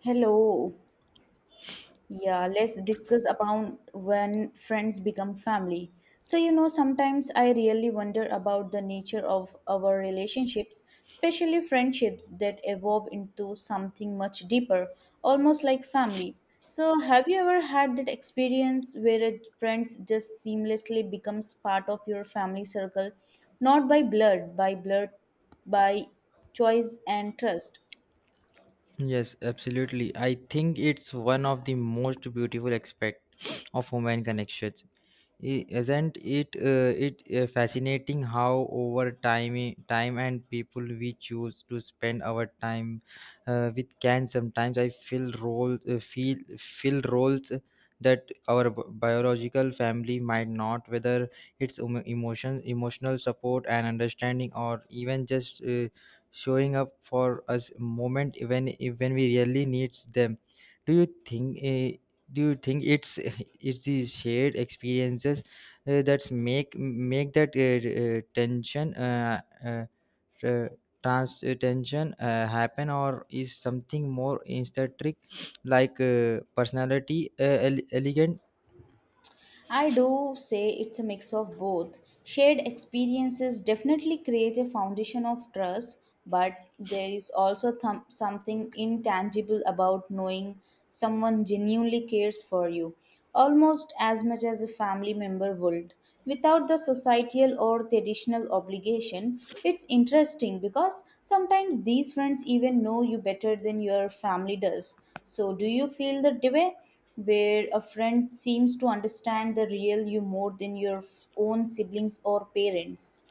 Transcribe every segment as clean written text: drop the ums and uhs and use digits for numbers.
Hello. Yeah, let's discuss about when friends become family. So, you know, sometimes I really wonder about the nature of our relationships, especially friendships that evolve into something much deeper, almost like family. So, have you ever had that experience where a friends just seamlessly becomes part of your family circle, not by blood, by blood, by choice and trust? Yes, absolutely. I think it's one of the most beautiful aspect of human connections. Isn't it? It fascinating how over time and people we choose to spend our time with can sometimes I feel role feel fill roles that our biological family might not. Whether it's emotional support and understanding, or even just showing up for us moment when we really need them. do you think uh, do you think it's it's these shared experiences that's make that tension uh, trans tension happen, or is something more instead trick like personality elegant. I do say it's a mix of both. Shared experiences definitely create a foundation of trust, but there is also something intangible about knowing someone genuinely cares for you, almost as much as a family member would. Without the societal or traditional obligation, it's interesting because sometimes these friends even know you better than your family does. So, do you feel that way? Where a friend seems to understand the real you more than your own siblings or parents.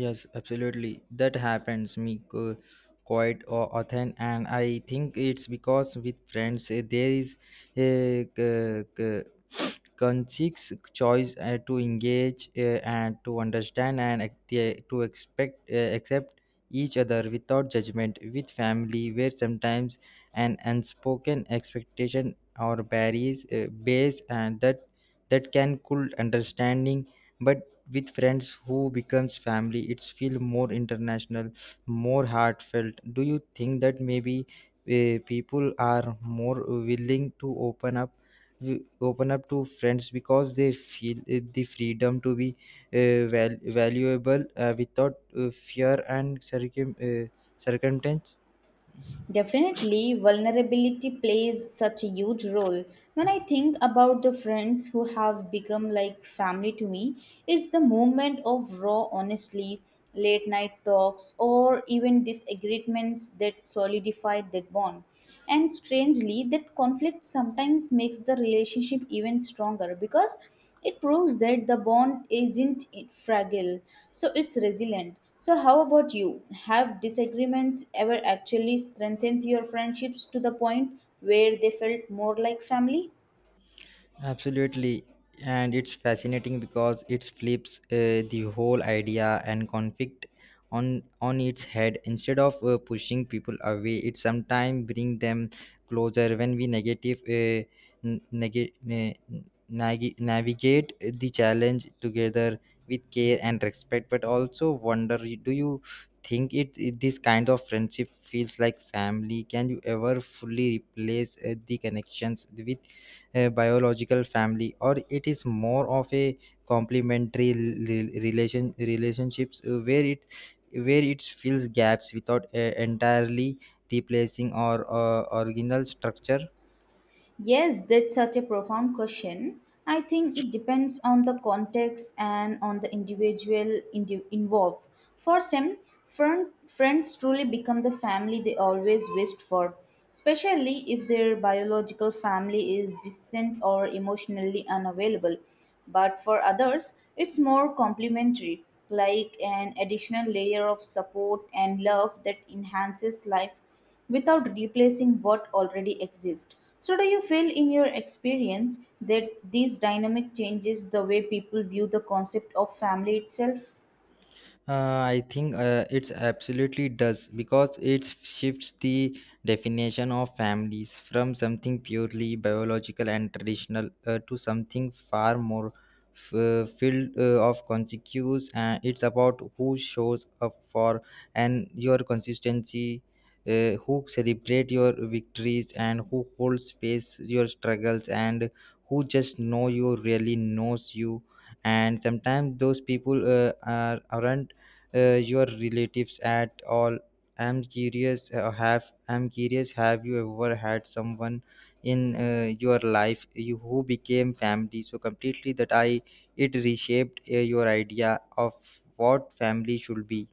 Yes, absolutely. That happens me quite often, and I think it's because with friends there is a conscious choice to engage and to understand and ac- eh, to expect accept each other without judgment. With family, where sometimes an unspoken expectation or barriers base and that that can cool understanding, but with friends who becomes family it's feel more international, more heartfelt. Do you think that maybe people are more willing to open up to friends because they feel the freedom to be valuable without fear and circumstance. Definitely, vulnerability plays such a huge role. When I think about the friends who have become like family to me, it's the moment of raw, honestly, late night talks, or even disagreements that solidified that bond. And strangely that conflict sometimes makes the relationship even stronger because it proves that the bond isn't fragile, so it's resilient. So how about you? Have disagreements ever actually strengthened your friendships to the point where they felt more like family? Absolutely. And it's fascinating because it flips the whole idea and conflict on its head. Instead of pushing people away, it sometimes bring them closer when we negative n- nega- na- nagi- navigate the challenge together with care and respect. But also wonder, do you think this kind of friendship feels like family? Can you ever fully replace the connections with a biological family, or it is more of a complementary relationships where it fills gaps without entirely replacing our original structure. Yes, that's such a profound question. I think it depends on the context and on the individual involved. For some, friends truly become the family they always wished for, especially if their biological family is distant or emotionally unavailable. But for others, it's more complementary, like an additional layer of support and love that enhances life without replacing what already exists. So, do you feel in your experience that this dynamic changes the way people view the concept of family itself? I think it's absolutely does because it shifts the definition of families from something purely biological and traditional, to something far more filled of consequence. It's about who shows up for and your consistency, who celebrate your victories, and who holds space your struggles, and who just know you really knows you. And sometimes those people aren't your relatives at all. I'm curious, have you ever had someone in your life, who became family so completely that I it reshaped your idea of what family should be?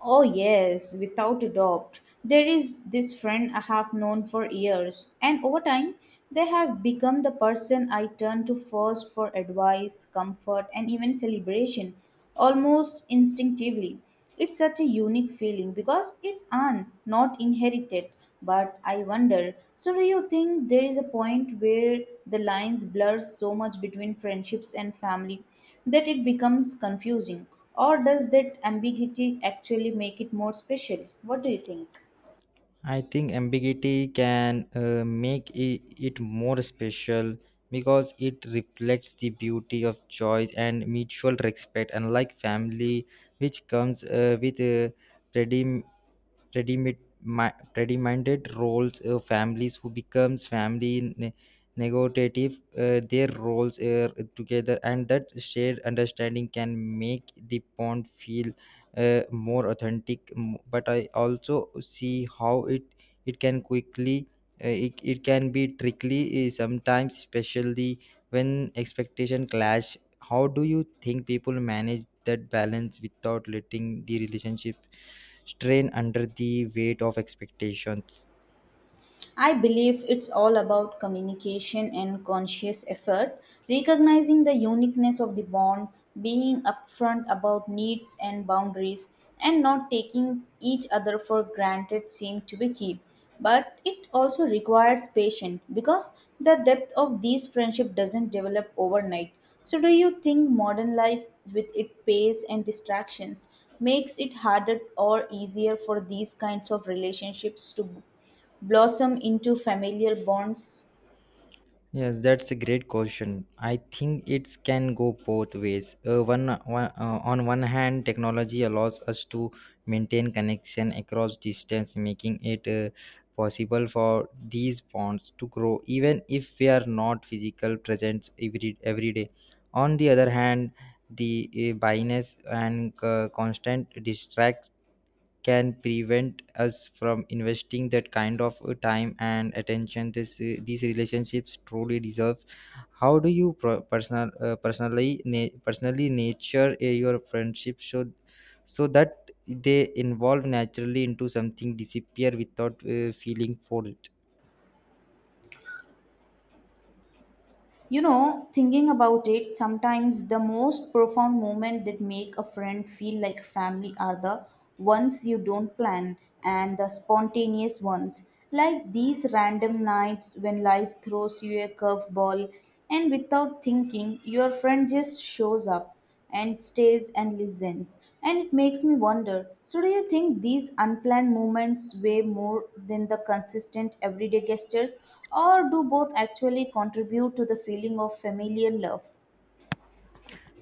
Oh, yes, without a doubt. There is this friend I have known for years, and over time, they have become the person I turn to first for advice, comfort, and even celebration almost instinctively. It's such a unique feeling because it's earned, not inherited. But I wonder so, do you think there is a point where the lines blur so much between friendships and family that it becomes confusing? Or does that ambiguity actually make it more special? What do you think? I think ambiguity can make it more special because it reflects the beauty of choice and mutual respect, unlike family, which comes with ready-minded roles, families who becomes family negotiative their roles together, and that shared understanding can make the bond feel more authentic. But I also see how it can quickly it can be tricky sometimes, especially when expectation clash. How do you think people manage that balance without letting the relationship strain under the weight of expectations? I believe it's all about communication and conscious effort, recognizing the uniqueness of the bond, being upfront about needs and boundaries, and not taking each other for granted seem to be key. But it also requires patience because the depth of these friendship doesn't develop overnight. So do you think modern life, with its pace and distractions, makes it harder or easier for these kinds of relationships to blossom into familiar bonds? Yes, that's a great question. I think it can go both ways. One, one On one hand, technology allows us to maintain connection across distance, making it possible for these bonds to grow, even if we are not physical presence every day. On the other hand, the bias and constant distract can prevent us from investing that kind of time and attention this these relationships truly deserve. How do you personally nature your friendship should, so that they involve naturally into something disappear without feeling for it? You know, thinking about it, sometimes the most profound moments that make a friend feel like family are the ones you don't plan and the spontaneous ones, like these random nights when life throws you a curveball and without thinking, your friend just shows up and stays and listens. And it makes me wonder so, do you think these unplanned moments weigh more than the consistent everyday gestures, or do both actually contribute to the feeling of familial love?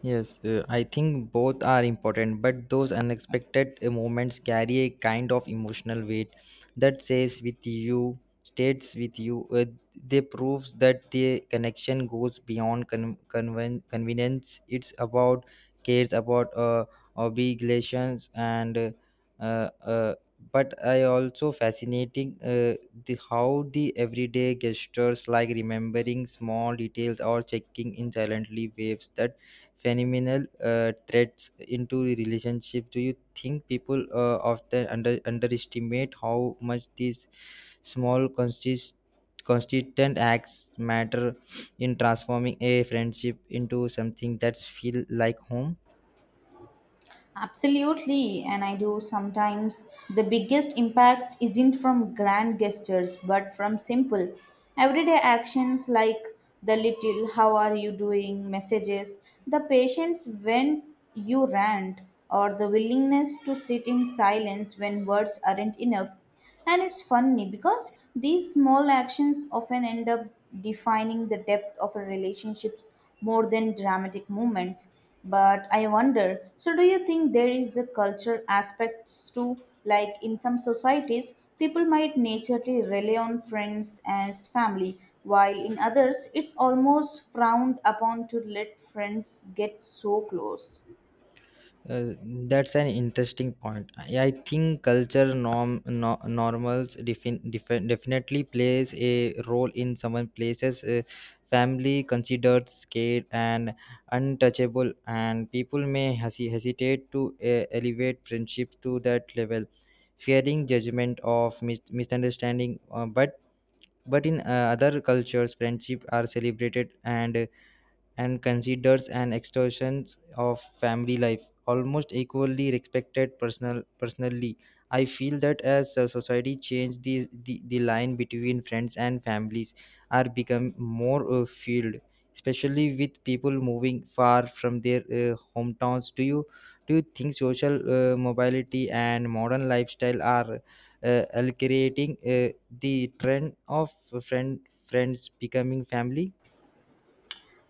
Yes, I think both are important, but those unexpected moments carry a kind of emotional weight that stays with you. They proves that the connection goes beyond convenience. It's about cares, about obligations, and uh, uh, but I also fascinating the how the everyday gestures like remembering small details or checking in silently waves that phenomenal threats into the relationship. Do you think people often underestimate how much these small consistent acts matter in transforming a friendship into something that's feel like home? Absolutely, and I do sometimes. The biggest impact isn't from grand gestures but from simple, everyday actions like the little how are you doing messages, the patience when you rant, or the willingness to sit in silence when words aren't enough. And it's funny because these small actions often end up defining the depth of a relationships more than dramatic moments. But I wonder, so do you think there is a culture aspects to, like in some societies people might naturally rely on friends as family while in others it's almost frowned upon to let friends get so close? Uh, that's an interesting point. I think culture norm no, normals definitely plays a role in some places. Family considered scared and untouchable, and people may hesitate to elevate friendship to that level, fearing judgment of misunderstanding. But in other cultures, friendship are celebrated and considered an extension of family life, almost equally respected personally. I feel that as a society change, the line between friends and families are become more filled, especially with people moving far from their hometowns. Do you think social mobility and modern lifestyle are creating the trend of friend friends becoming family?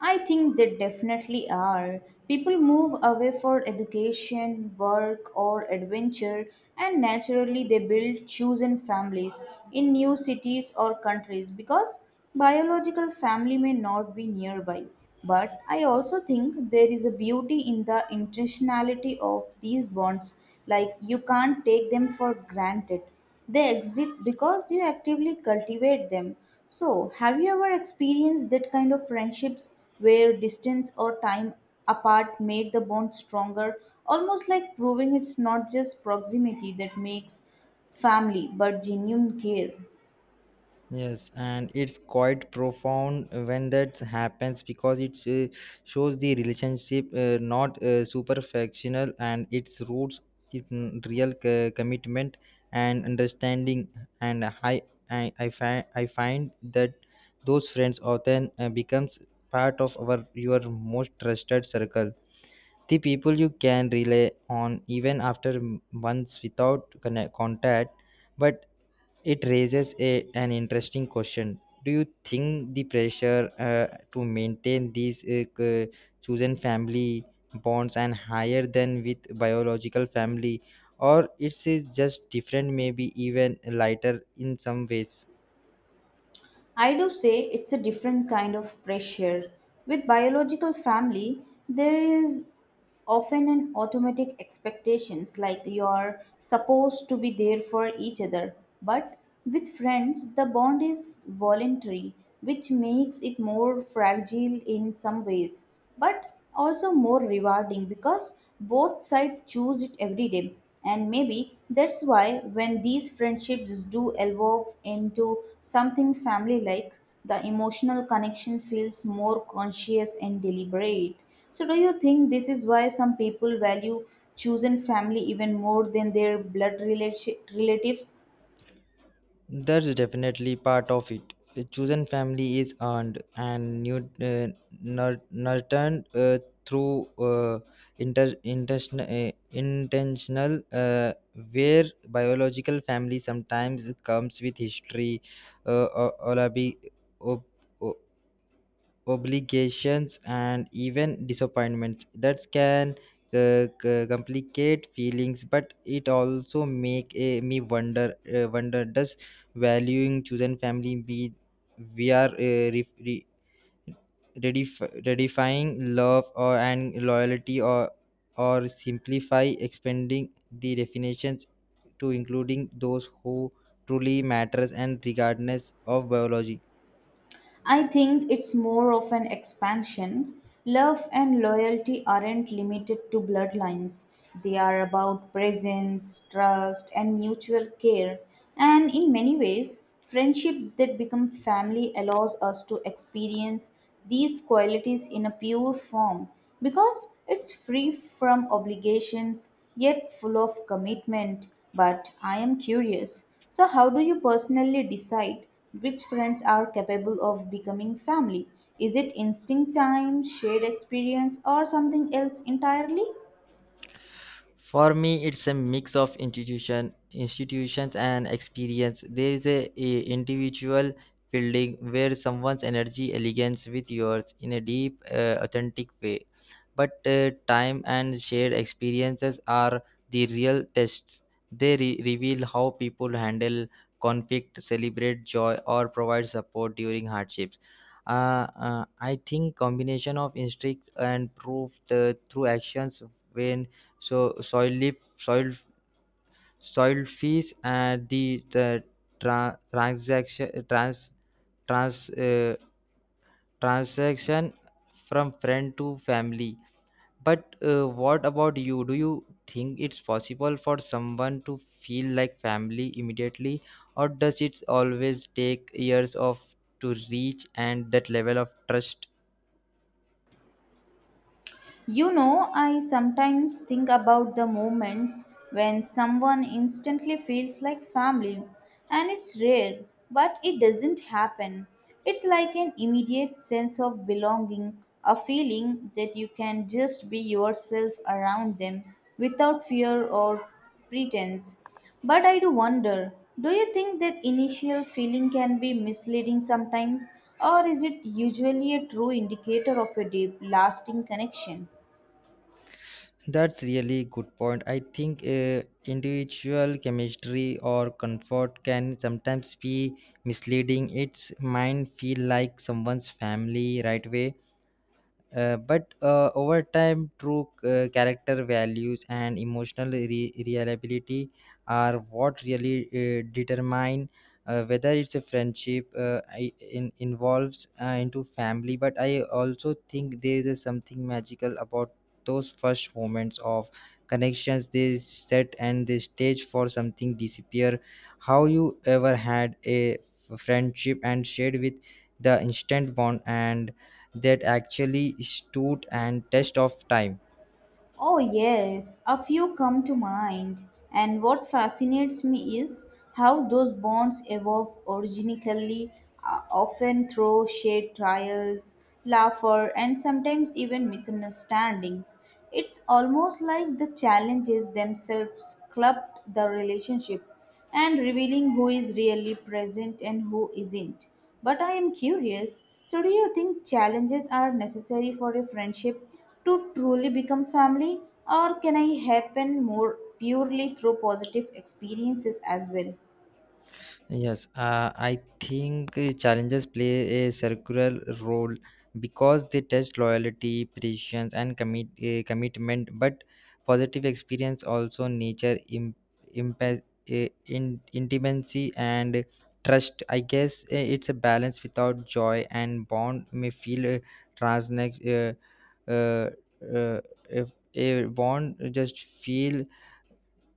I think they definitely are. People move away for education, work, or adventure, and naturally they build chosen families in new cities or countries because biological family may not be nearby. But I also think there is a beauty in the intentionality of these bonds, like you can't take them for granted, they exist because you actively cultivate them. So, have you ever experienced that kind of friendships where distance or time apart made the bond stronger? Almost like proving it's not just proximity that makes family but genuine care. Yes, and it's quite profound when that happens because it shows the relationship not superficial and its roots in real commitment and understanding. And I find that those friends often becomes part of our your most trusted circle. The people you can rely on even after months without contact, but it raises an interesting question. Do you think the pressure to maintain these chosen family bonds and higher than with biological family, or it's just different, maybe even lighter in some ways? I do say it's a different kind of pressure. With biological family, there is often an automatic expectations like you're supposed to be there for each other, but with friends the bond is voluntary, which makes it more fragile in some ways but also more rewarding because both sides choose it every day. And maybe that's why when these friendships do evolve into something family like, the emotional connection feels more conscious and deliberate. So, do you think this is why some people value chosen family even more than their blood relatives? That's definitely part of it. A chosen family is earned and nurtured through intentional, where biological family sometimes comes with history, uh, or, or, obligations and even disappointments that can complicate feelings. But it also make me wonder, does valuing chosen family be we are re, re, redefining love or and loyalty, or simplify expanding the definitions to including those who truly matters, and regardless of biology? I think it's more of an expansion. Love and loyalty aren't limited to bloodlines, they are about presence, trust, and mutual care. And in many ways, friendships that become family allows us to experience these qualities in a pure form because it's free from obligations yet full of commitment. But I am curious, so how do you personally decide which friends are capable of becoming family? Is it instinct time, shared experience, or something else entirely? For me, it's a mix of institutions and experience. There is a individual building where someone's energy aligns with yours in a deep, authentic way. But time and shared experiences are the real tests. They reveal how people handle conflict, celebrate joy, or provide support during hardships. I think combination of instincts and proof through actions when so soil leaf, soil soil fees, and the tra- transaction trans trans transaction from friend to family. But what about you? Do you think it's possible for someone to feel like family immediately, or does it always take years of to reach and that level of trust? You know, I sometimes think about the moments when someone instantly feels like family, and it's rare, but it doesn't happen. It's like an immediate sense of belonging, a feeling that you can just be yourself around them without fear or pretense. But I do wonder, do you think that initial feeling can be misleading sometimes, or is it usually a true indicator of a deep, lasting connection? That's really good point. I think individual chemistry or comfort can sometimes be misleading. It's mine feel like someone's family right away, but over time, true character values and emotional reliability are what really determine whether it's a friendship, involves into family. But I also think there is something magical about those first moments of connections. They set and the stage for something disappear. How you ever had a friendship and shared with the instant bond and that actually stood and test of time? Oh, yes, a few come to mind. And what fascinates me is how those bonds evolve originally, often through shared trials, laughter, and sometimes even misunderstandings. It's almost like the challenges themselves clubbed the relationship and revealing who is really present and who isn't. But I am curious, so, do you think challenges are necessary for a friendship to truly become family, or can I happen more purely through positive experiences as well? Yes, I think challenges play a circular role because they test loyalty, patience, and commitment, but positive experience also nature imp, uh, intimacy and trust. I guess, it's a balance. Without joy and bond may feel transnex uh, if a bond just feel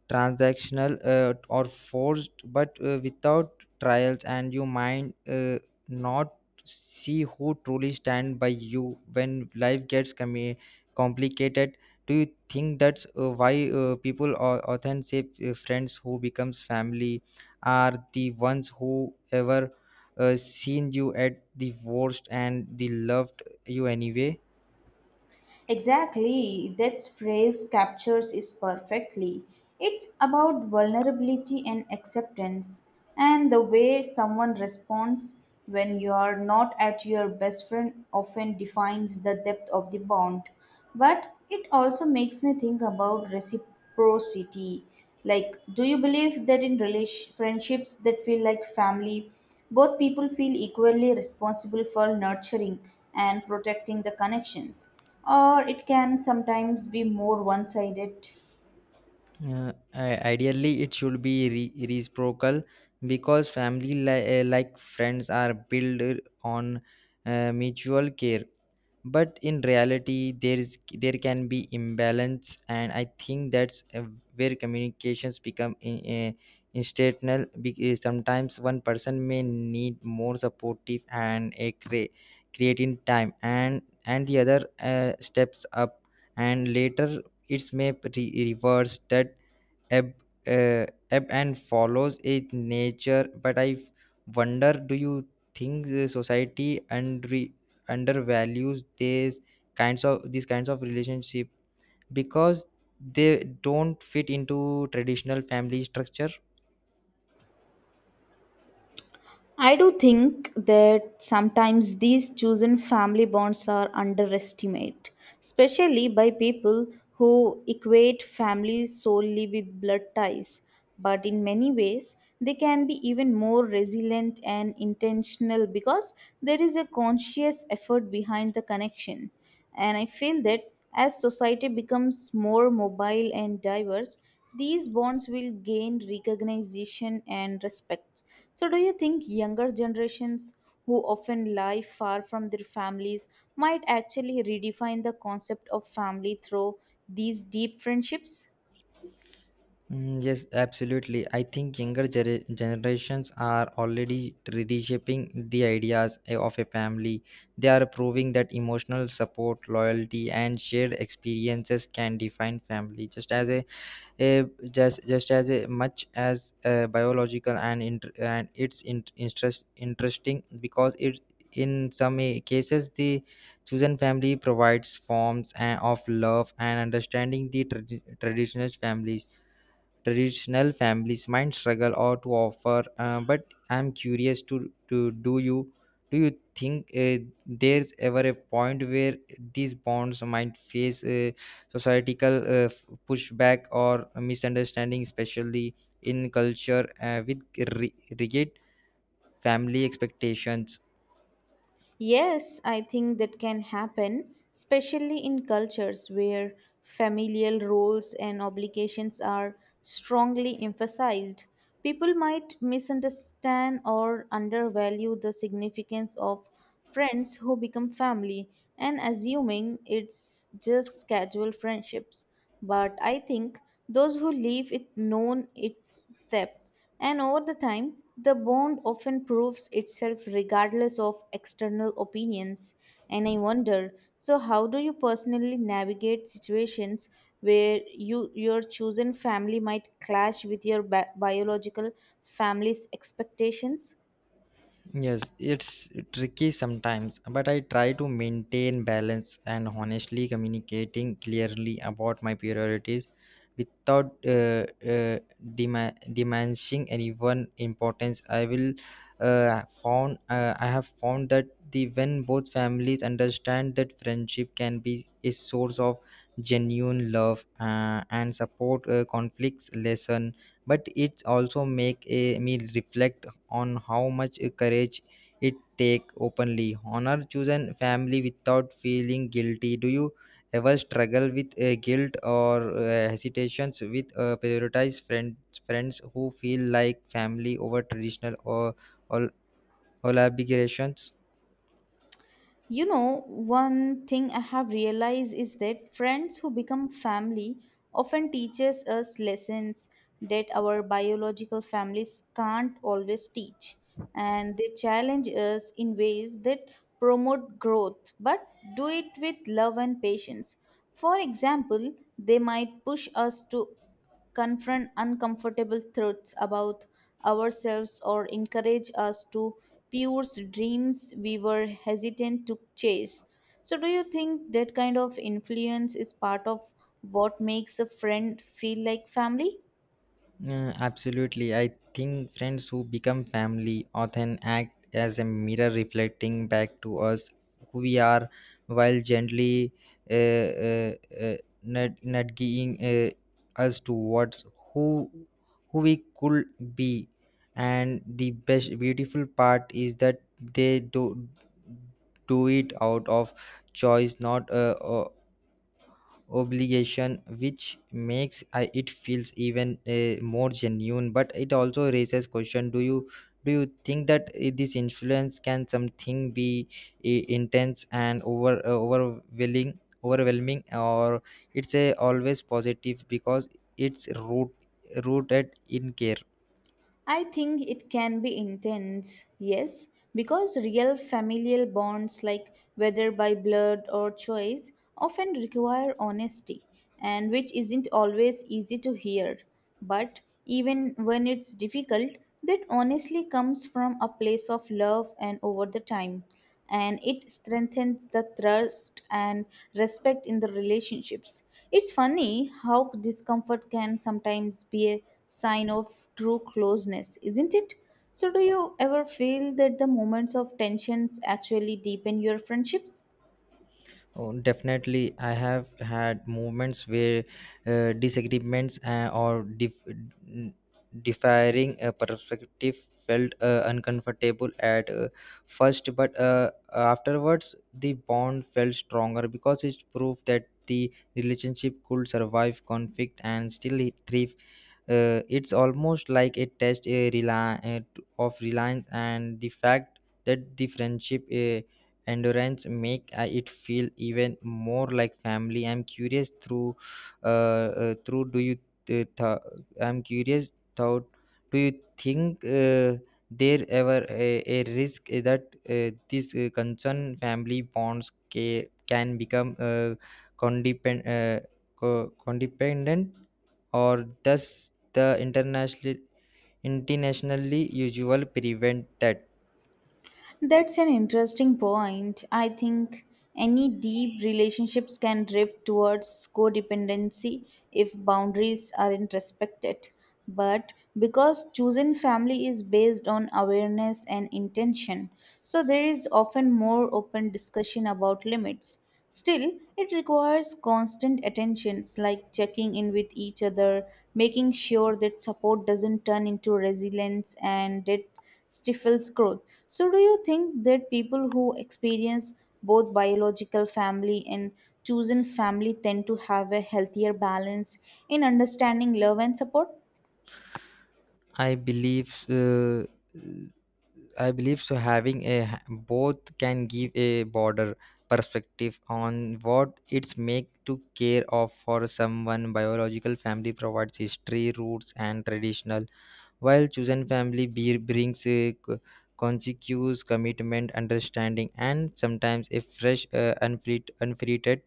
transactional, or forced. But without trials and you might not see who truly stand by you when life gets complicated. Do you think that's why people or authentic friends who becomes family are the ones who ever seen you at the worst and they loved you anyway? Exactly, that phrase captures it perfectly. It's about vulnerability and acceptance, and the way someone responds when you are not at your best friend often defines the depth of the bond. But it also makes me think about reciprocity. Like, do you believe that in friendships that feel like family, both people feel equally responsible for nurturing and protecting the connections? Or it can sometimes be more one sided. Ideally, it should be reciprocal because family, like friends, are built on mutual care. But in reality, there can be imbalance, and I think that's where communications become instrumental. Because sometimes one person may need more supportive and a creating time, and the other steps up, and later it's may reverse. That ebb uh, ebb and follows its nature. But I wonder, do you think the society undervalues these kinds of relationship because they don't fit into traditional family structure? I do think that sometimes these chosen family bonds are underestimated, especially by people who equate family solely with blood ties. But in many ways, they can be even more resilient and intentional because there is a conscious effort behind the connection. And I feel that as society becomes more mobile and diverse, these bonds will gain recognition and respect. So, do you think younger generations who often live far from their families might actually redefine the concept of family through these deep friendships? Mm, yes, absolutely. I think younger generations are already reshaping the ideas of a family. They are proving that emotional support, loyalty, and shared experiences can define family, just as a just as a, much as biological and inter- and it's in- interest interesting because it in some cases the chosen family provides forms of love and understanding the traditional families might struggle or to offer but I'm curious to do you think there's ever a point where these bonds might face societal pushback or misunderstanding, especially in culture with rigid family expectations. Yes, I think that can happen, especially in cultures where familial roles and obligations are strongly emphasized. People might misunderstand or undervalue the significance of friends who become family and assuming it's just casual friendships. But I think those who live it known its depth, and over the time, the bond often proves itself regardless of external opinions. And I wonder, so how do you personally navigate situations where you your chosen family might clash with your biological family's expectations? Yes, it's tricky sometimes, but I try to maintain balance and honestly communicating clearly about my priorities without diminishing anyone importance. I have found that the when both families understand that friendship can be a source of genuine love and support, conflicts lessen, but it also make me reflect on how much courage it take openly honor chosen family without feeling guilty. Do you ever struggle with guilt or hesitations with prioritize friends who feel like family over traditional or, or obligations? You know, one thing I have realized is that friends who become family often teaches us lessons that our biological families can't always teach, and they challenge us in ways that promote growth but do it with love and patience. For example, they might push us to confront uncomfortable truths about ourselves or encourage us to pursue dreams we were hesitant to chase. So, do you think that kind of influence is part of what makes a friend feel like family? Absolutely. I think friends who become family often act as a mirror reflecting back to us who we are, while gently uh, uh, uh, us towards who who we could be. And the best beautiful part is that they do it out of choice, not obligation, which makes it feels even more genuine. But it also raises question, do you think that this influence can something be intense and overwhelming or it's a always positive because it's rooted in care? I think it can be intense, yes, because real familial bonds, like whether by blood or choice, often require honesty, and which isn't always easy to hear. But even when it's difficult, that honestly comes from a place of love and over the time, and it strengthens the trust and respect in the relationships. It's funny how discomfort can sometimes be a sign of true closeness, isn't it? So, do you ever feel that the moments of tensions actually deepen your friendships? Oh, definitely, I have had moments where disagreements or differing perspective felt uncomfortable at first, but afterwards the bond felt stronger because it proved that the relationship could survive conflict and still thrive. Uh, it's almost like a test of reliance, and the fact that the friendship endurance make it feel even more like family. I'm curious through uh, through do you th- I'm curious thought, do you think there ever a risk that this concern family bonds can become condepend- uh, codependent, or does the internationally usual prevent that? That's an interesting point. I think any deep relationships can drift towards codependency if boundaries aren't respected. But because chosen family is based on awareness and intention, so there is often more open discussion about limits. Still, it requires constant attentions like checking in with each other, making sure that support doesn't turn into resilience and that stifles growth. So, do you think that people who experience both biological family and chosen family tend to have a healthier balance in understanding love and support? I believe uh, i believe so. Having both can give a broader perspective on what it's make to care of for someone. Biological family provides history, roots, and traditional, while chosen family beer brings consequence, commitment, understanding, and sometimes a fresh, unfiltered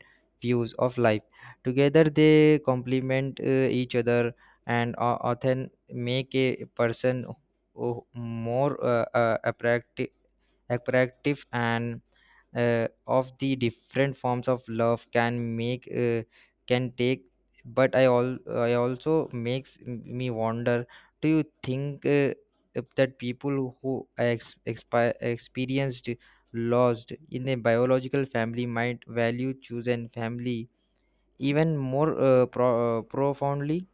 views of life. Together, they complement each other and often make a person more attractive, and of the different forms of love can make can take. But I also makes me wonder, do you think if that people who experienced lost in a biological family might value chosen family even more, profoundly?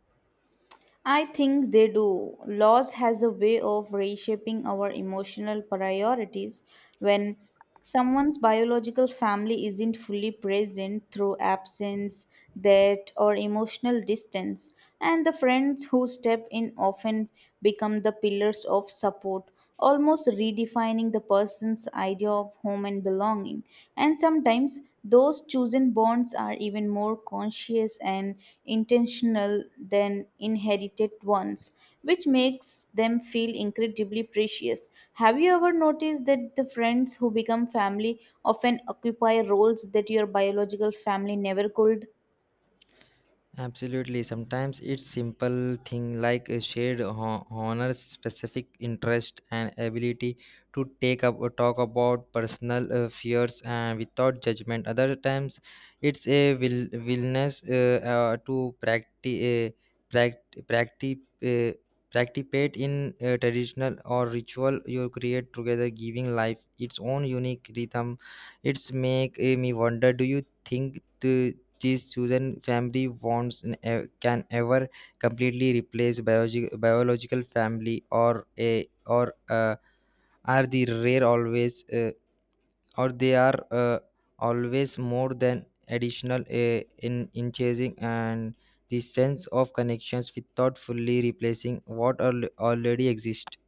I think they do. Loss has a way of reshaping our emotional priorities when someone's biological family isn't fully present through absence, death, or emotional distance, and the friends who step in often become the pillars of support, almost redefining the person's idea of home and belonging. And sometimes those chosen bonds are even more conscious and intentional than inherited ones, which makes them feel incredibly precious. Have you ever noticed that the friends who become family often occupy roles that your biological family never could? Absolutely. Sometimes it's simple thing like a shared honors, specific interest, and ability to take up or talk about personal fears and without judgment. Other times, it's a willingness to practice, practice, uh, participate in traditional or ritual you create together, giving life its own unique rhythm. It's make me wonder. Do you think these chosen family bonds can ever completely replace biological family, or a or are the rare always, or they are always more than additional in chasing and the sense of connections without fully replacing what already exists?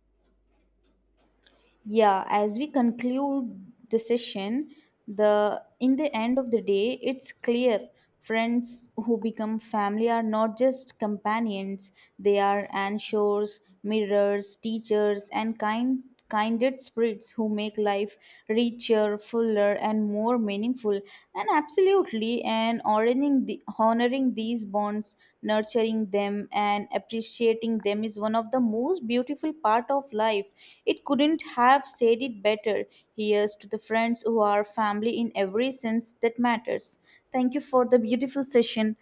Yeah, as we conclude the session, the, in the end of the day, it's clear friends who become family are not just companions, they are anchors, mirrors, teachers, and kinded spirits who make life richer, fuller, and more meaningful. And absolutely, and honoring these bonds, nurturing them, and appreciating them is one of the most beautiful part of life. It couldn't have said it better. Here's to the friends who are family in every sense that matters. Thank you for the beautiful session.